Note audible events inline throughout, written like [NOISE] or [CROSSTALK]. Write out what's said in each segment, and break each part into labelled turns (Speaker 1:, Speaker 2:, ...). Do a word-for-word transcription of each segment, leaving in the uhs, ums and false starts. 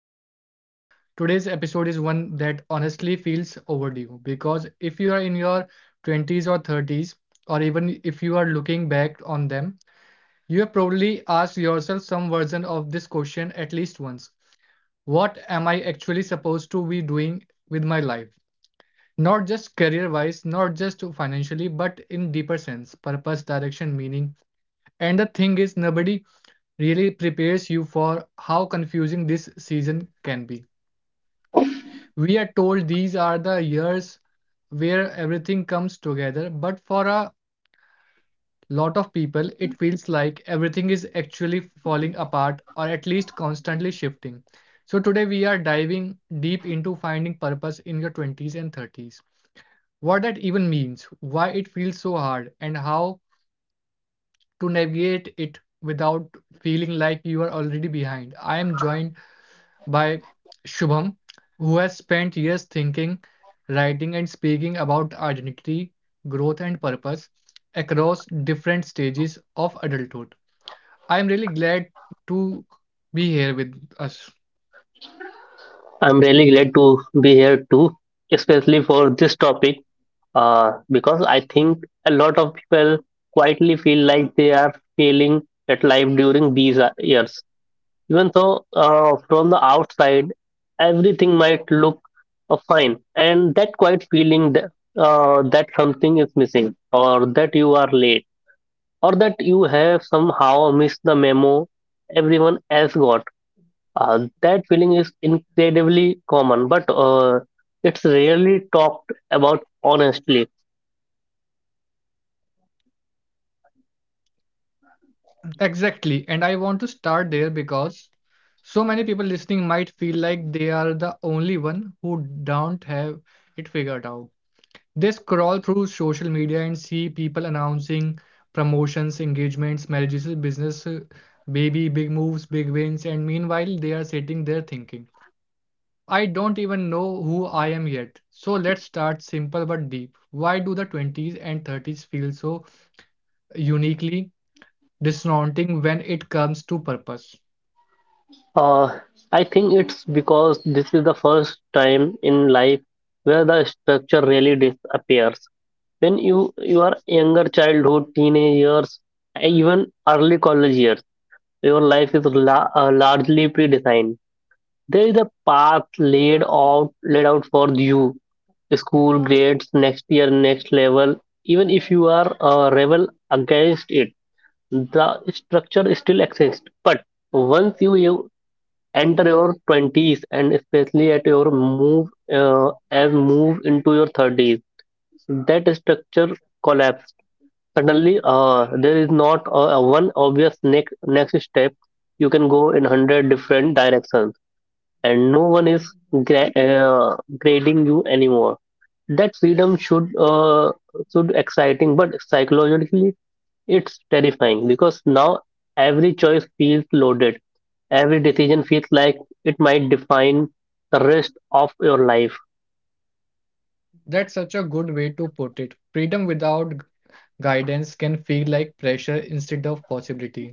Speaker 1: back to the show. Today's episode is one that honestly feels overdue because if you are in your twenties or thirties, or even if you are looking back on them, you have probably asked yourself some version of this question at least once. What am I actually supposed to be doing with my life? Not just career wise, not just financially, but in deeper sense purpose, direction, meaning. And the thing is, nobody really prepares you for how confusing this season can be. We are told these are the years where everything comes together, but for a lot of people, it feels like everything is actually falling apart or at least constantly shifting. So, today we are diving deep into finding purpose in your twenties and thirties. What that even means, why it feels so hard, and how to navigate it without feeling like you are already behind. I am joined by Shubham, who has spent years thinking, writing, and speaking about identity, growth, and purpose across different stages of adulthood. I am really glad to be here with us.
Speaker 2: I'm really glad to be here too, especially for this topic, uh, because I think a lot of people quietly feel like they are failing at life during these uh, years. Even though uh, from the outside, everything might look uh, fine, and that quiet feeling that, uh, that something is missing, or that you are late, or that you have somehow missed the memo everyone else got, uh, that feeling is incredibly common, but uh, it's rarely talked about honestly.
Speaker 1: Exactly. And I want to start there because so many people listening might feel like they are the only one who don't have it figured out. They scroll through social media and see people announcing promotions, engagements, marriages, business, uh, baby, big moves, big wins, and meanwhile they are sitting there thinking, I don't even know who I am yet. So let's start simple but deep. Why do the twenties and thirties feel so uniquely disorienting when it comes to purpose?
Speaker 2: Uh, I think it's because this is the first time in life where the structure really disappears. When you you are younger, childhood, teenage years, even early college years, your life is la- uh, largely predefined. There is a path laid out laid out for you, school grades, next year, next level. Even if you are a rebel against it, the structure still exists. But once you, you enter your twenties, and especially at your move, uh, as move into your thirties, that structure collapsed. Suddenly uh, there is not a, a one obvious next next step. You can go in a hundred different directions, and no one is gra- uh, grading you anymore. That freedom should, uh, should exciting, but psychologically it's terrifying, because now every choice feels loaded, every decision feels like it might define the rest of your life.
Speaker 1: That's such a good way to put it. Freedom without guidance can feel like pressure instead of possibility.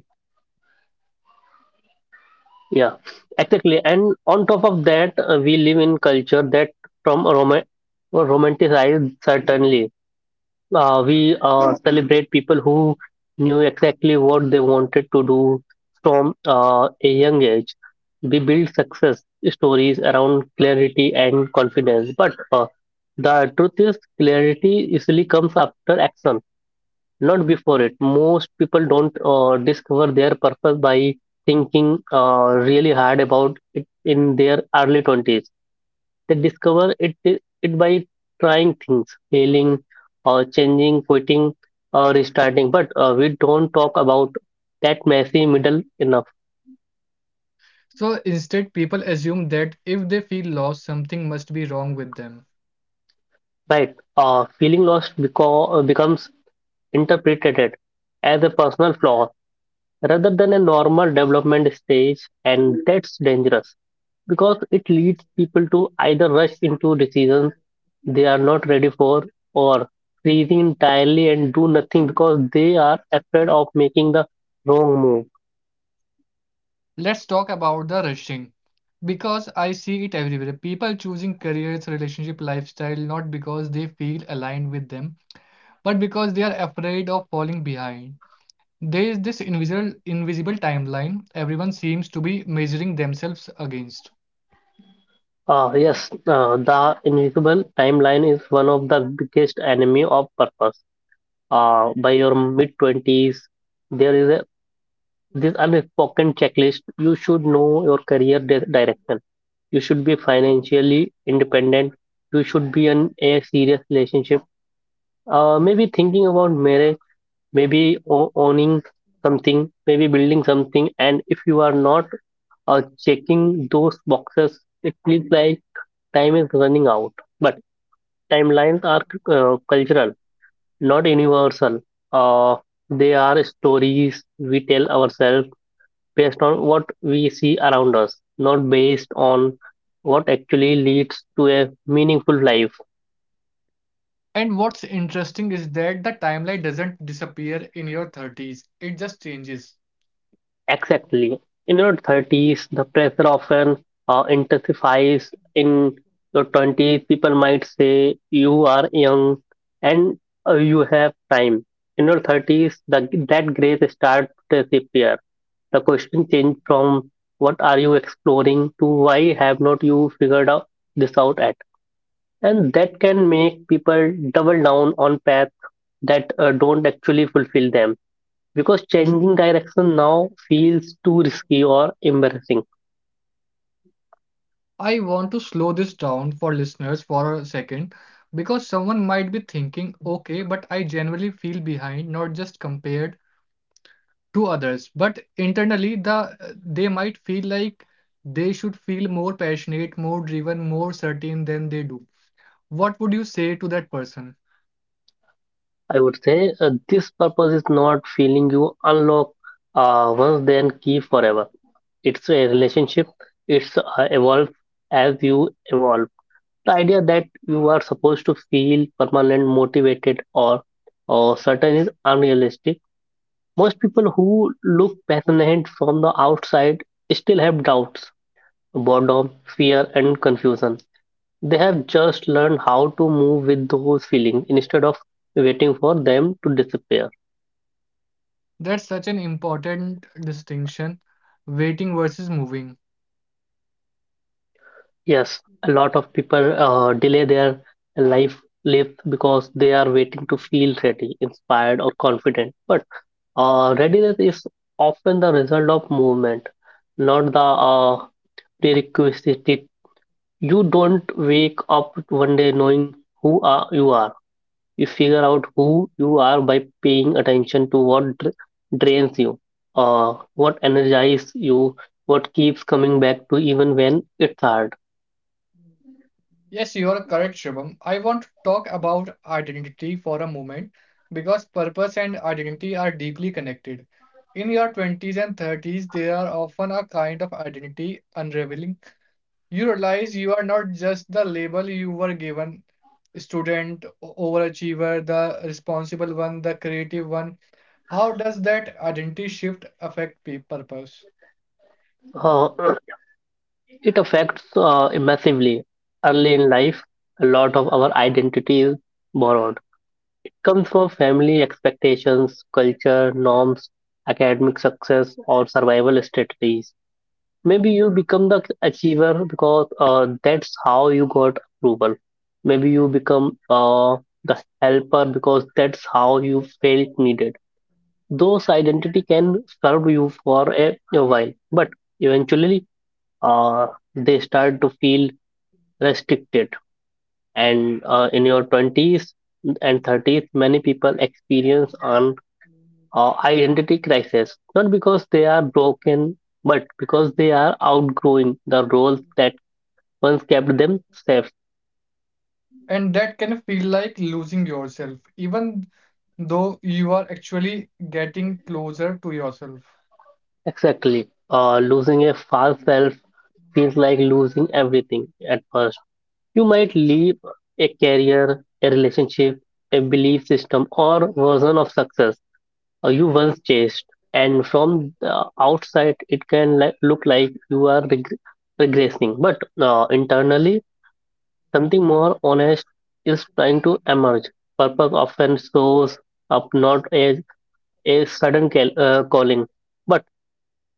Speaker 2: Yeah, exactly. And on top of that, uh, we live in culture that from a rom- romanticized certainly. Uh, we uh, celebrate people who knew exactly what they wanted to do from uh, a young age. We build success stories around clarity and confidence. But uh, the truth is, clarity usually comes after action, not before it. Most people don't uh, discover their purpose by thinking uh, really hard about it in their early twenties. They discover it it by trying things, failing, or changing, quitting, or restarting. But uh, we don't talk about that messy middle enough,
Speaker 1: So instead, people assume that if they feel lost, something must be wrong with them.
Speaker 2: right? Uh, feeling lost beco- becomes interpreted as a personal flaw rather than a normal development stage, and that's dangerous because it leads people to either rush into decisions they are not ready for, or freezing entirely and do nothing because they are afraid of making the wrong move.
Speaker 1: Let's talk about the rushing. Because I see it everywhere. People choosing careers, relationship, lifestyle not because they feel aligned with them, but because they are afraid of falling behind. There is this invisible invisible timeline everyone seems to be measuring themselves against.
Speaker 2: Ah, yes, uh, the invisible timeline is one of the biggest enemy of purpose. Uh, by your mid twenties, there is a this unspoken checklist. You should know your career di- direction. You should be financially independent. You should be in a serious relationship. Uh, maybe thinking about marriage, maybe o- owning something, maybe building something. And if you are not uh, checking those boxes, it feels like time is running out. But timelines are uh, cultural, not universal. Uh, they are stories we tell ourselves based on what we see around us, not based on what actually leads to a meaningful life.
Speaker 1: And what's interesting is that the timeline doesn't disappear in your thirties. It just changes.
Speaker 2: Exactly. In your thirties, the pressure often uh, intensifies. In your twenties, people might say you are young, and uh, you have time. In your thirties, the, that grace starts to disappear. The question changed from what are you exploring to why have not you figured out this out at? And that can make people double down on paths that uh, don't actually fulfill them, because changing direction now feels too risky or embarrassing.
Speaker 1: I want to slow this down for listeners for a second because someone might be thinking, okay, but I generally feel behind, not just compared to others, but internally the they might feel like they should feel more passionate, more driven, more certain than they do. What would you say to that person?
Speaker 2: I would say, uh, this purpose is not feeling you unlock uh, once then keep forever. It's a relationship. It's uh, evolve as you evolve. The idea that you are supposed to feel permanent, motivated, or or certain is unrealistic. Most people who look passionate from the outside still have doubts, boredom, fear, and confusion. They have just learned how to move with those feelings instead of waiting for them to disappear.
Speaker 1: That's such an important distinction, waiting versus moving.
Speaker 2: Yes, a lot of people uh, delay their life lives because they are waiting to feel ready, inspired, or confident. But uh, readiness is often the result of movement, not the uh, prerequisite. You don't wake up one day knowing who are, you are. You figure out who you are by paying attention to what dr- drains you, uh, what energizes you, what keeps coming back to even when it's hard.
Speaker 1: Yes, you are correct, Shubham. I want to talk about identity for a moment because purpose and identity are deeply connected. In your twenties and thirties, there are often a kind of identity unraveling. You realize you are not just the label you were given student, o- overachiever, the responsible one, the creative one. How does that identity shift affect pe- purpose?
Speaker 2: Uh, [CLEARS THROAT] it affects uh, massively. Early in life, a lot of our identity is borrowed. Comes from family expectations, culture, norms, academic success, or survival strategies. Maybe you become the achiever because uh, that's how you got approval. Maybe you become uh, the helper because that's how you felt needed. Those identity can serve you for a, a while, but eventually uh, they start to feel restricted. And uh, in your twenties and thirties, many people experience an uh, identity crisis, not because they are broken, but because they are outgrowing the roles that once kept them safe.
Speaker 1: And that can feel like losing yourself, even though you are actually getting closer to yourself.
Speaker 2: Exactly. Uh, losing a false self feels like losing everything at first. You might leave a career, a relationship, a belief system, or version of success uh, you once chased. And from the outside, it can li- look like you are reg- regressing. But uh, internally, something more honest is trying to emerge. Purpose often shows up not as a sudden cal- uh, calling, but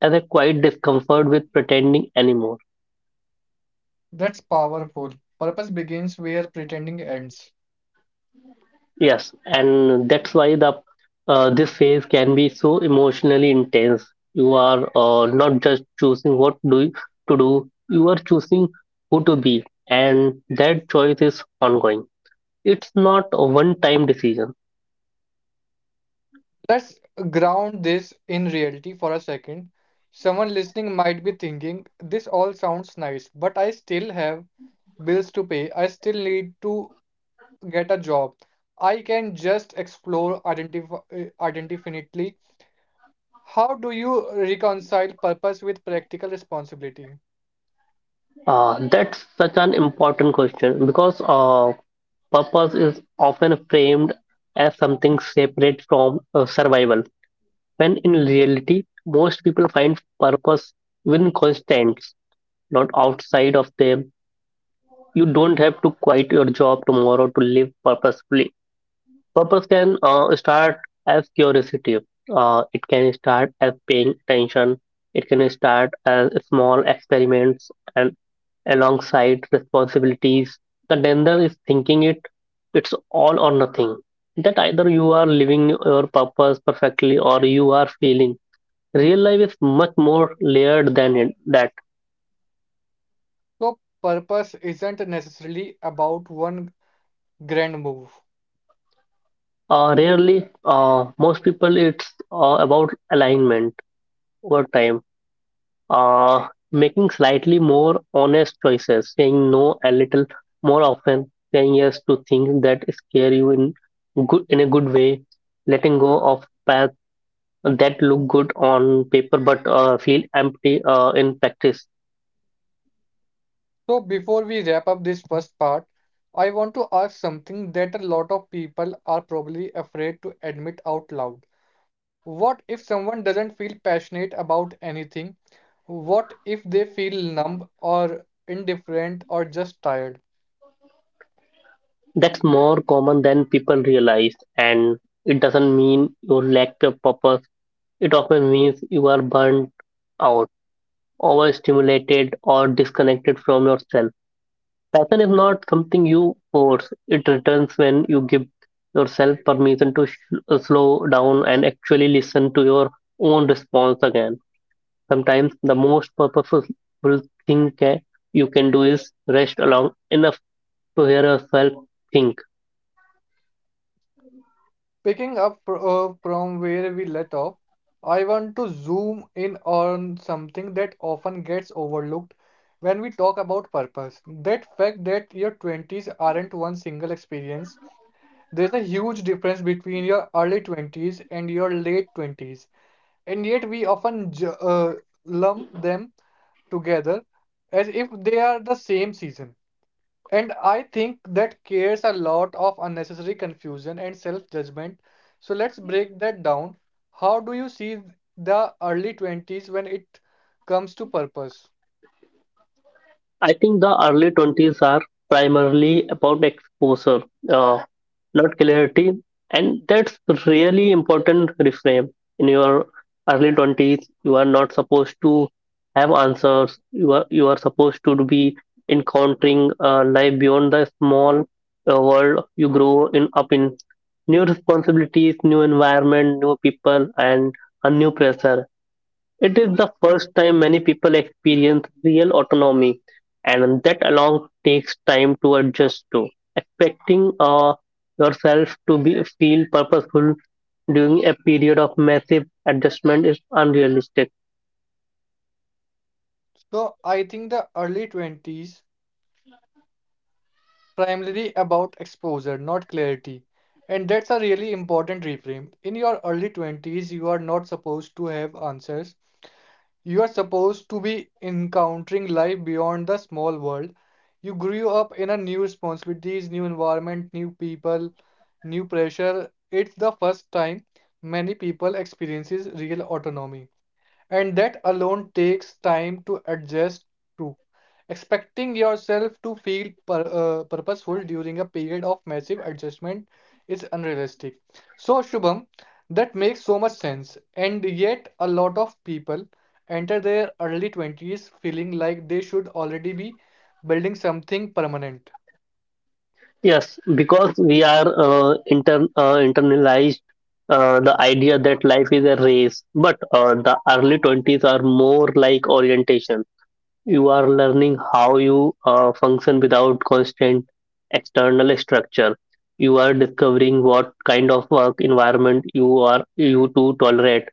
Speaker 2: as a quiet discomfort with pretending anymore.
Speaker 1: That's powerful. Purpose begins where pretending ends.
Speaker 2: Yes, and that's why the uh, this phase can be so emotionally intense. You are uh, not just choosing what do you, to do; you are choosing who to be, and that choice is ongoing. It's not a one-time decision.
Speaker 1: Let's ground this in reality for a second. Someone listening might be thinking, this all sounds nice, but I still have bills to pay. I still need to get a job. I can just explore identif- uh, indefinitely. How do you reconcile purpose with practical responsibility?
Speaker 2: Uh, that's such an important question, because uh, purpose is often framed as something separate from uh, survival, when in reality, most people find purpose within constraints, not outside of them. You don't have to quit your job tomorrow to live purposefully. Purpose can uh, start as curiosity, uh, it can start as paying attention, it can start as small experiments and alongside responsibilities. The danger is thinking it, it's all or nothing. That either you are living your purpose perfectly or you are failing. Real life is much more layered than it, that.
Speaker 1: So, purpose isn't necessarily about one grand move.
Speaker 2: Uh, rarely, uh, most people, it's uh, about alignment over time, uh, making slightly more honest choices, saying no a little more often, saying yes to things that scare you in good in a good way, letting go of paths that look good on paper but uh, feel empty uh, in practice.
Speaker 1: So, before we wrap up this first part, I want to ask something that a lot of people are probably afraid to admit out loud. What if someone doesn't feel passionate about anything? What if they feel numb or indifferent or just tired?
Speaker 2: That's more common than people realize, and it doesn't mean you lack your purpose. It often means you are burnt out, overstimulated, or disconnected from yourself. Passion is not something you force. It returns when you give yourself permission to sh- uh, slow down and actually listen to your own response again. Sometimes the most purposeful thing ca- you can do is rest long enough to hear yourself think.
Speaker 1: Picking up fr- uh, from where we let off, I want to zoom in on something that often gets overlooked when we talk about purpose. That fact that your twenties aren't one single experience. There's a huge difference between your early twenties and your late twenties, and yet we often ju- uh, lump them together as if they are the same season. And I think that creates a lot of unnecessary confusion and self-judgment. So let's break that down. How do you see the early twenties when it comes to purpose?
Speaker 2: I think the early twenties are primarily about exposure. Uh, not clarity, and that's really important reframe. In your early twenties, you are not supposed to have answers. You are you are supposed to be encountering uh, life beyond the small uh, world you grow in up in, new responsibilities, new environment, new people, and a new pressure. It is the first time many people experience real autonomy, and that alone takes time to adjust to. Expecting uh, yourself to be feel purposeful during a period of massive adjustment is unrealistic.
Speaker 1: So I think the early twenties primarily about exposure, not clarity. And that's a really important reframe. In your early twenties, you are not supposed to have answers. You are supposed to be encountering life beyond the small world. You grew up in a new responsibilities, new environment, new people, new pressure. It's the first time many people experiences real autonomy. And that alone takes time to adjust to. Expecting yourself to feel pur uh, purposeful during a period of massive adjustment is unrealistic. So, Shubham, that makes so much sense. And yet, a lot of people enter their early twenties feeling like they should already be building something permanent.
Speaker 2: Yes, because we are uh, inter uh, internalized uh, the idea that life is a race, but uh, the early twenties are more like orientation. You are learning how you uh, function without constant external structure. You are discovering what kind of work environment you are you to tolerate,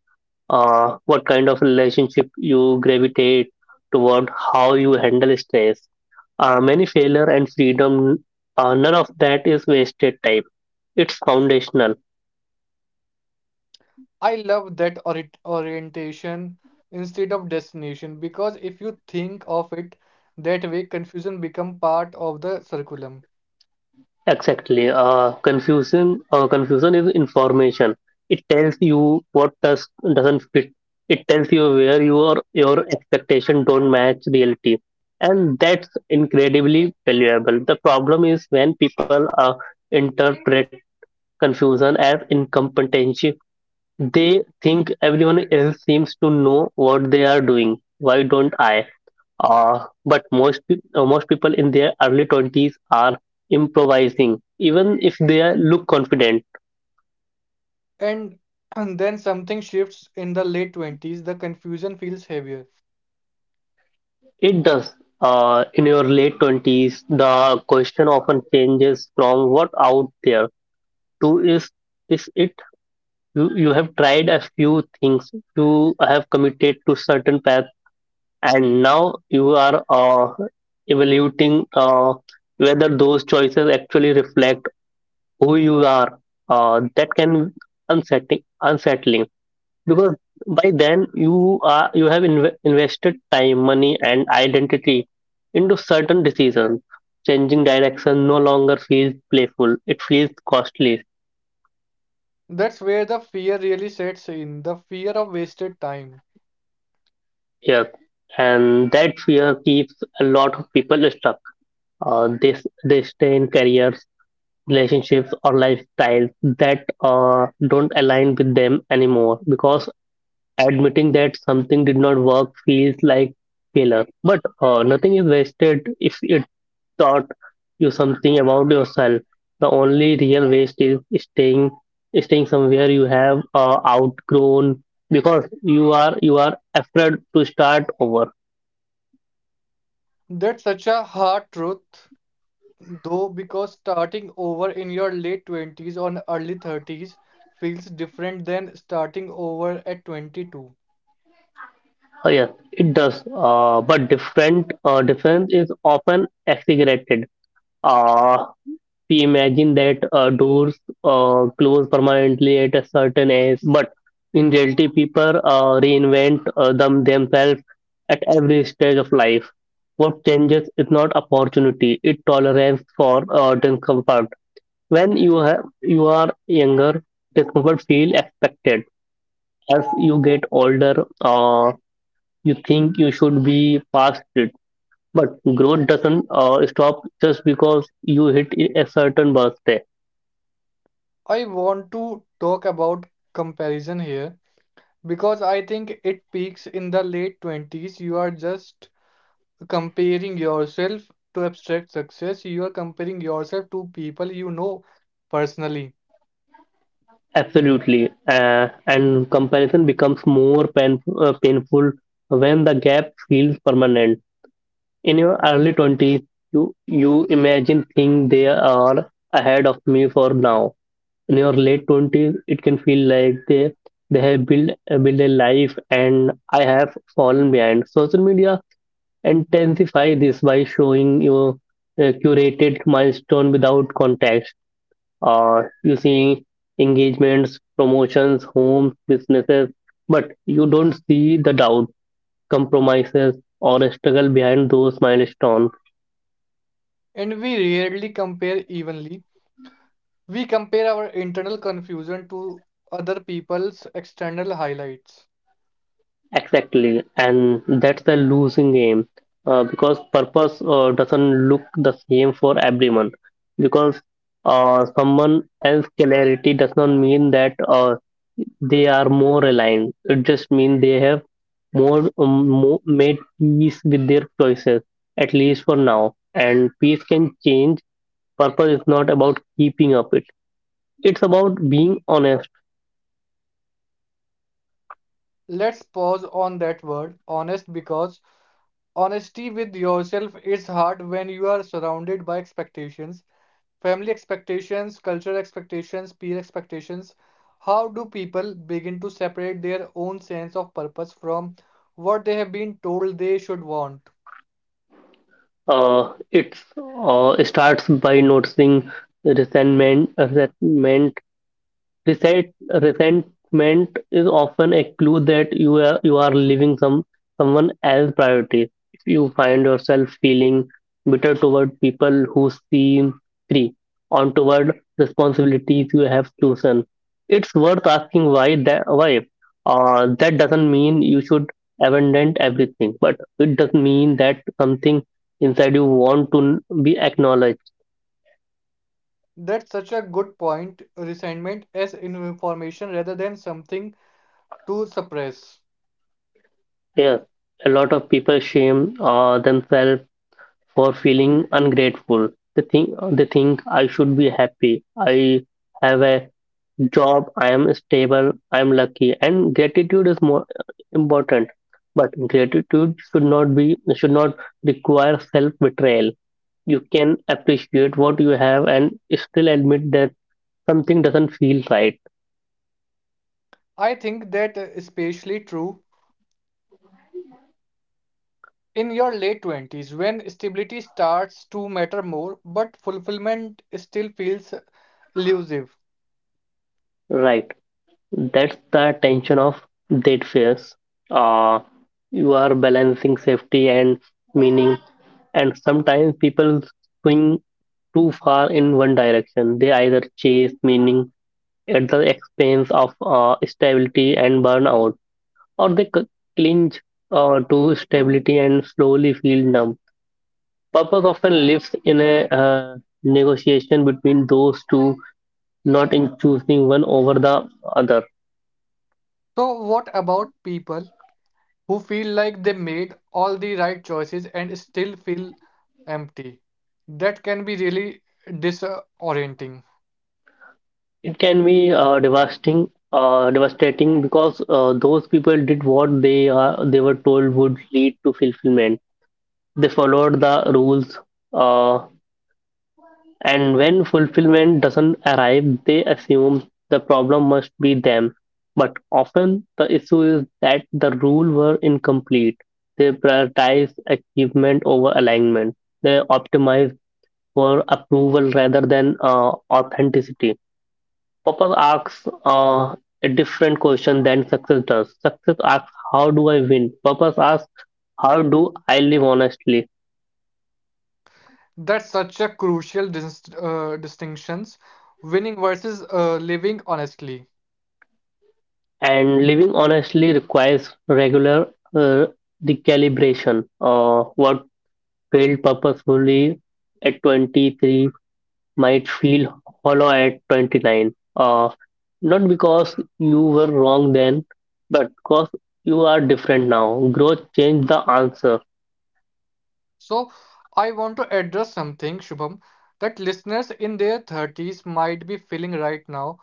Speaker 2: uh, what kind of relationship you gravitate toward, how you handle stress. Uh, many failure and freedom, uh, none of that is wasted time. It's foundational.
Speaker 1: I love that ori- orientation instead of destination, because if you think of it that way, confusion become part of the curriculum.
Speaker 2: Exactly. Uh, confusion. Uh, confusion is information. It tells you what does doesn't fit. It tells you where your your expectation don't match reality, and that's incredibly valuable. The problem is when people uh, interpret confusion as incompetency. They think everyone else seems to know what they are doing. Why don't I? Uh, but most peop uh, most people in their early twenties are improvising, even if they are- look confident.
Speaker 1: And, and then something shifts in the late twenties, the confusion feels heavier.
Speaker 2: It does. Uh, in your late twenties, the question often changes from what out there to is is it you. You have tried a few things, you have committed to certain path, and now you are uh, evaluating uh, whether those choices actually reflect who you are. uh, that can be unsettling unsettling, because by then you are you have inv- invested time, money and identity into certain decisions. Changing direction no longer feels playful, it feels costly.
Speaker 1: That's where the fear really sets in, the fear of wasted time.
Speaker 2: Yes, and that fear keeps a lot of people stuck. uh, they, they stay in careers, relationships or lifestyles that uh, don't align with them anymore, because admitting that something did not work feels like failure. But uh, nothing is wasted if it taught you something about yourself. The only real waste is staying staying somewhere you have uh, outgrown because you are you are afraid to start over.
Speaker 1: That's such a hard truth, though, because starting over in your late twenties or early thirties feels different than starting over at twenty-two.
Speaker 2: Uh, yes, it does. Uh, but different uh, difference is often exaggerated. Uh, we imagine that uh, doors uh, close permanently at a certain age, but in reality, people uh, reinvent uh, them themselves at every stage of life. What changes is not opportunity; it tolerance for uh, discomfort. When you have you are younger, discomfort feel expected. As you get older, uh, you think you should be past it. But growth doesn't uh, stop just because you hit a certain birthday.
Speaker 1: I want to talk about comparison here because I think it peaks in the late twenties. You are just comparing yourself to abstract success. You are comparing yourself to people you know personally.
Speaker 2: Absolutely, uh, and comparison becomes more pain, uh, painful when the gap feels permanent. In your early twenties, you, you imagine things they are ahead of me for now. In your late twenties, it can feel like they, they have built, uh, built a life and I have fallen behind. Social media intensify this by showing you a curated milestone without context. Uh, you see engagements, promotions, homes, businesses, but you don't see the doubt, compromises, or the struggle behind those milestones.
Speaker 1: And we rarely compare evenly. We compare our internal confusion to other people's external highlights.
Speaker 2: Exactly, and that's the losing game uh, because purpose uh, doesn't look the same for everyone. Because uh, someone else clarity does not mean that uh, they are more aligned. It just means they have more, um, more made peace with their choices, at least for now. And peace can change. Purpose is not about keeping up it. It's about being honest.
Speaker 1: Let's pause on that word, honest, because honesty with yourself is hard when you are surrounded by expectations. Family expectations, cultural expectations, peer expectations. How do people begin to separate their own sense of purpose from what they have been told they should want?
Speaker 2: Uh, it's uh, it starts by noticing resentment, resentment Resent, resentment is often a clue that you are, you are leaving some someone else's priorities. If you find yourself feeling bitter toward people who seem free, on toward responsibilities you have chosen, it's worth asking why that why. Uh, that doesn't mean you should abandon everything, but it does mean that something inside you want to n- be acknowledged.
Speaker 1: That's such a good point. Resentment as information rather than something to suppress.
Speaker 2: Yes, a lot of people shame uh, themselves for feeling ungrateful. They think they think I should be happy. I have a job. I am stable. I am lucky. And gratitude is more uh, important. But gratitude should not be should not require self betrayal. You can appreciate what you have and still admit that something doesn't feel right.
Speaker 1: I think that is especially true in your late twenties when stability starts to matter more, but fulfillment still feels elusive.
Speaker 2: Right. That's the tension of date fairs. Uh, you are balancing safety and meaning, and sometimes people swing too far in one direction. They either chase meaning at the expense of uh, stability and burnout, or they c- clinch uh, to stability and slowly feel numb. Purpose often lives in a uh, negotiation between those two, not in choosing one over the other.
Speaker 1: So, what about people who feel like they made all the right choices and still feel empty. That can be really disorienting.
Speaker 2: It can be uh, devastating, uh, devastating because uh, those people did what they are they were told would lead to fulfillment. They followed the rules, uh, and when fulfillment doesn't arrive, they assume the problem must be them. But often the issue is that the rule were incomplete. They prioritize achievement over alignment. They optimize for approval rather than uh, authenticity. Purpose asks uh, a different question than success does. Success asks, "How do I win?" Purpose asks, "How do I live honestly?"
Speaker 1: That's such a crucial dis- uh, distinctions, winning versus uh, living honestly.
Speaker 2: And living honestly requires regular uh, recalibration. Uh, what felt purposefully at twenty-three might feel hollow at twenty-nine. Uh, not because you were wrong then, but because you are different now. Growth changed the answer.
Speaker 1: So I want to address something, Shubham, that listeners in their thirties might be feeling right now.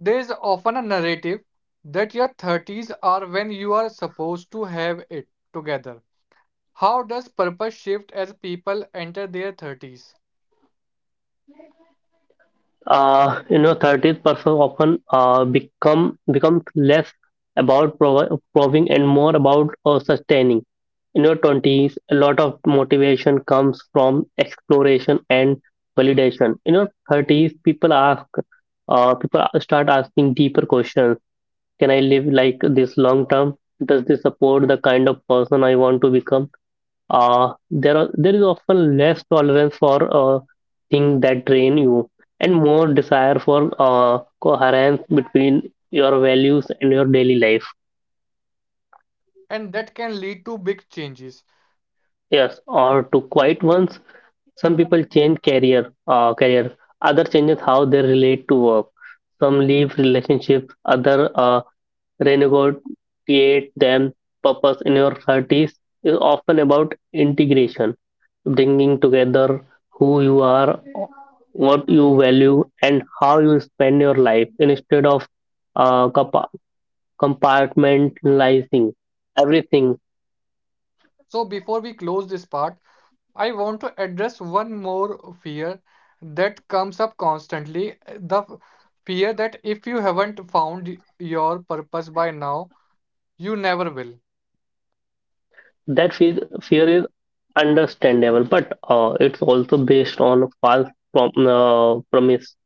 Speaker 1: There is often a narrative that your thirties are when you are supposed to have it together. How does purpose shift as people enter their thirties?
Speaker 2: uh, You know, thirties person often uh, become becomes less about provi- proving and more about uh, sustaining. In your twenties, a lot of motivation comes from exploration and validation. In your thirties, people ask, uh, people start asking deeper questions. Can I live like this long term? Does this support the kind of person I want to become? uh, there are there is often less tolerance for uh, things that drain you and more desire for uh, coherence between your values and your daily life.
Speaker 1: And that can lead to big changes.
Speaker 2: Yes, or to quiet ones. Some people change career uh, career other changes how they relate to work, some leave relationships, other uh, renegotiate them. Purpose in your thirties is often about integration, bringing together who you are, what you value and how you spend your life instead of uh, compa- compartmentalizing everything.
Speaker 1: So, before we close this part, I want to address one more fear that comes up constantly, the f- fear that if you haven't found your purpose by now, you never will.
Speaker 2: That fe- fear is understandable but uh, it's also based on a false prom- uh, promise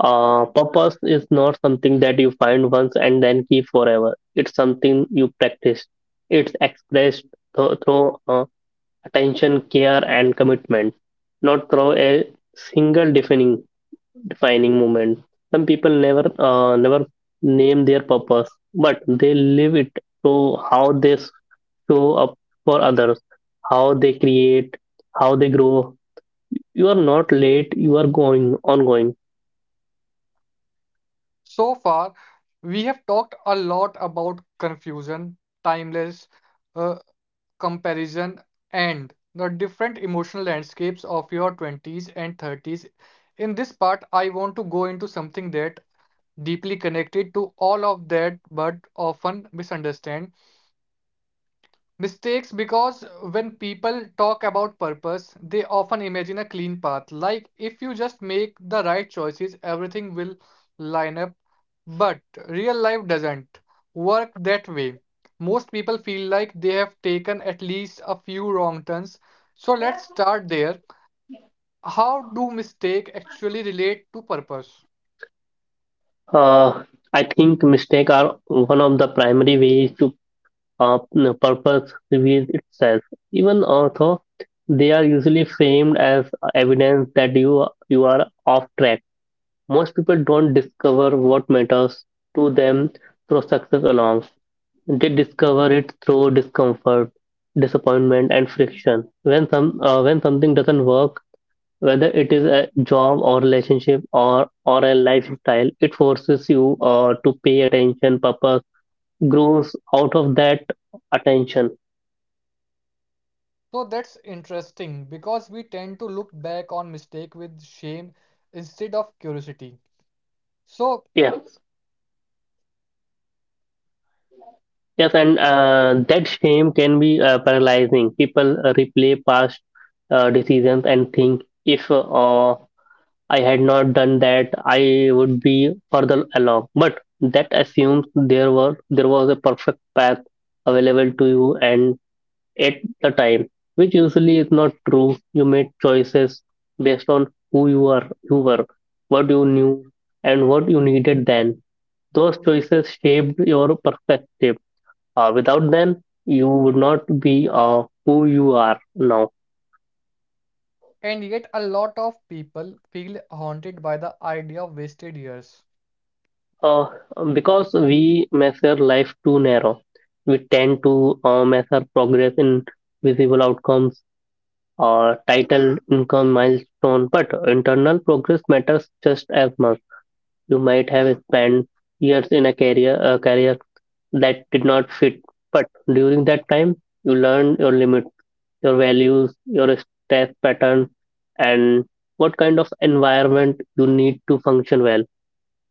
Speaker 2: Uh, purpose is not something that you find once and then keep forever. It's something you practice. It's expressed th- through uh, attention, care, and commitment, not through a single defining defining moment. Some people never uh, never name their purpose, but they live it through how they show up for others, how they create, how they grow. You are not late. You are going ongoing.
Speaker 1: So far, we have talked a lot about confusion, timeless, uh, comparison, and the different emotional landscapes of your twenties and thirties. In this part, I want to go into something that deeply connected to all of that but often misunderstand. Mistakes, because when people talk about purpose, they often imagine a clean path. Like if you just make the right choices, everything will line up. But real life doesn't work that way. Most people feel like they have taken at least a few wrong turns. So let's start there. How do mistake actually relate to purpose?
Speaker 2: Uh, I think mistakes are one of the primary ways to uh, purpose reveals itself. Even although they are usually framed as evidence that you you are off track, most people don't discover what matters to them through success alone. They discover it through discomfort, disappointment, and friction. When some uh, when something doesn't work, whether it is a job or relationship or, or a lifestyle, it forces you uh, to pay attention. Purpose grows out of that attention.
Speaker 1: So that's interesting because we tend to look back on mistake with shame instead of curiosity. So.
Speaker 2: Yes. Yes, and uh, that shame can be uh, paralyzing. People uh, replay past uh, decisions and think if uh, I had not done that, I would be further along. But that assumes there were there was a perfect path available to you, and at the time, which usually is not true. You made choices based on who you are, you were, what you knew, and what you needed then. Those choices shaped your perspective. Uh, without them, you would not be uh, who you are now.
Speaker 1: And yet, a lot of people feel haunted by the idea of wasted years.
Speaker 2: Uh, because we measure life too narrow, we tend to uh, measure progress in visible outcomes or title, income, milestone, but internal progress matters just as much. You might have spent years in a career a career that did not fit, but during that time, you learned your limits, your values, your stress pattern, and what kind of environment you need to function well.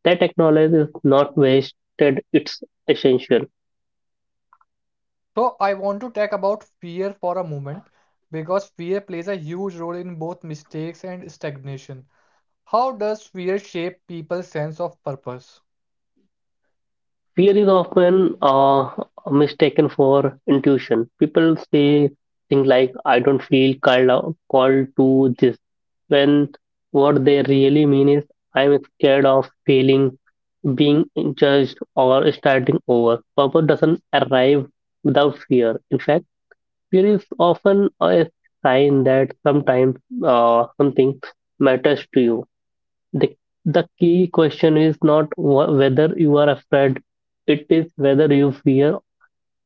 Speaker 2: That knowledge is not wasted; it's essential.
Speaker 1: So, I want to talk about fear for a moment because fear plays a huge role in both mistakes and stagnation. How does fear shape people's sense of purpose?
Speaker 2: Fear is often uh, mistaken for intuition. People say things like, "I don't feel called, out- called to this," when what they really mean is, "I'm scared of failing, being judged, or starting over." Purpose doesn't arrive without fear. In fact, fear is often a sign that sometimes uh, something matters to you. The, the key question is not wh- whether you are afraid, it is whether you fear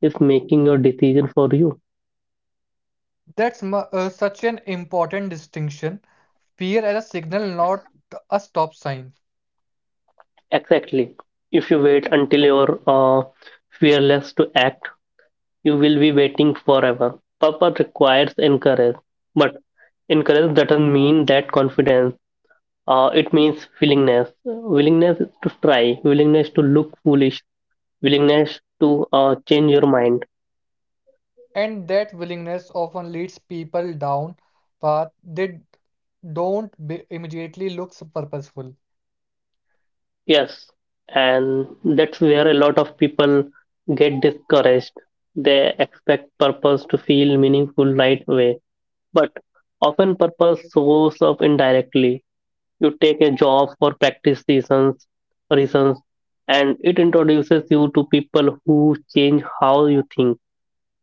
Speaker 2: is making your decision for you.
Speaker 1: That's mu- uh, such an important distinction. Fear as a signal, not a stop sign.
Speaker 2: Exactly. If you wait until you're uh, fearless to act, you will be waiting forever. Purpose requires encourage, but encourage doesn't mean that confidence. Uh, it means willingness, willingness to try, willingness to look foolish, willingness to uh, change your mind.
Speaker 1: And that willingness often leads people down paths they don't be- immediately look purposeful.
Speaker 2: Yes, and that's where a lot of people get discouraged. They expect purpose to feel meaningful right away, but often purpose shows up indirectly. You take a job for practice reasons, reasons, and it introduces you to people who change how you think.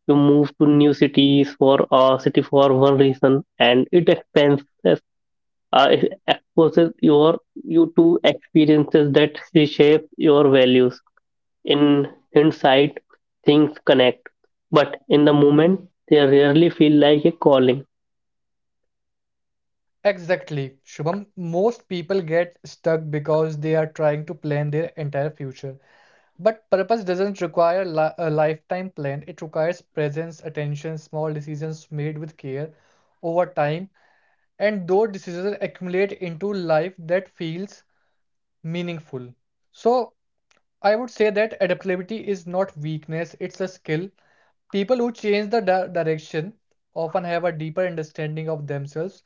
Speaker 2: You move to new cities for a city for one reason, and it expands uh, it exposes your you to experiences that reshape your values. In hindsight, things connect, but in the moment, they rarely feel like a calling.
Speaker 1: Exactly, Shubham. Most people get stuck because they are trying to plan their entire future. But purpose doesn't require li a lifetime plan, it requires presence, attention, small decisions made with care over time, and those decisions accumulate into life that feels meaningful. So, I would say that adaptability is not weakness, it's a skill. People who change the di- direction often have a deeper understanding of themselves.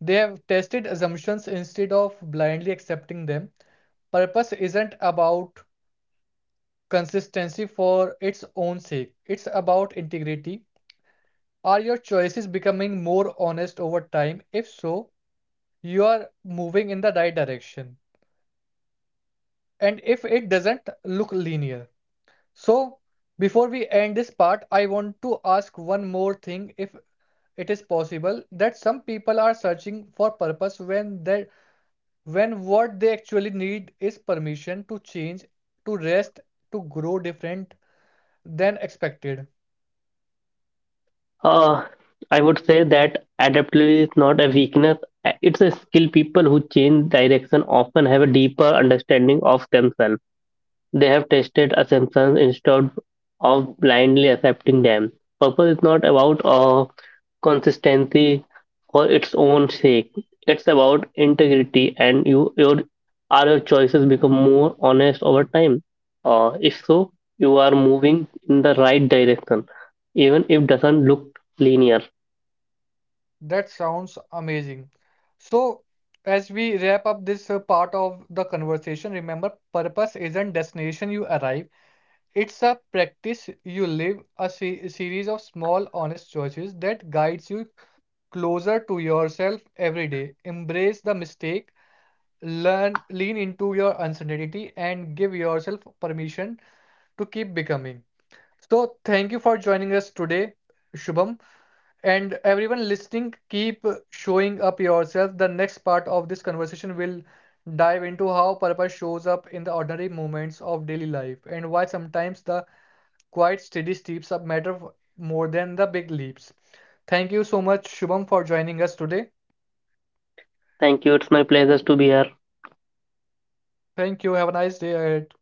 Speaker 1: They have tested assumptions instead of blindly accepting them. Purpose isn't about consistency for its own sake, it's about integrity. Are your choices becoming more honest over time? If so, you are moving in the right direction. And if it doesn't look linear. So, before we end this part, I want to ask one more thing, if it is possible that some people are searching for purpose when they, when what they actually need is permission to change, to rest, to grow different than expected.
Speaker 2: Uh, I would say that adaptability is not a weakness. Uh, It's a skill. People who change direction often have a deeper understanding of themselves. They have tested assumptions instead of blindly accepting them. Purpose is not about uh, consistency for its own sake. It's about integrity, and you your are your choices become more honest over time. Uh, if so, you are moving in the right direction, even if doesn't look linear.
Speaker 1: That sounds amazing. So, as we wrap up this uh, part of the conversation, remember purpose isn't destination you arrive. It's a practice you live, a se- series of small honest choices that guides you closer to yourself every day. Embrace the mistake, learn, lean into your uncertainty, and give yourself permission to keep becoming. So, thank you for joining us today, Shubham. And everyone listening, keep showing up yourself. The next part of this conversation will dive into how purpose shows up in the ordinary moments of daily life and why sometimes the quiet, steady steps matter more than the big leaps. Thank you so much, Shubham, for joining us today.
Speaker 2: Thank you. It's my pleasure to be here.
Speaker 1: Thank you. Have a nice day ahead.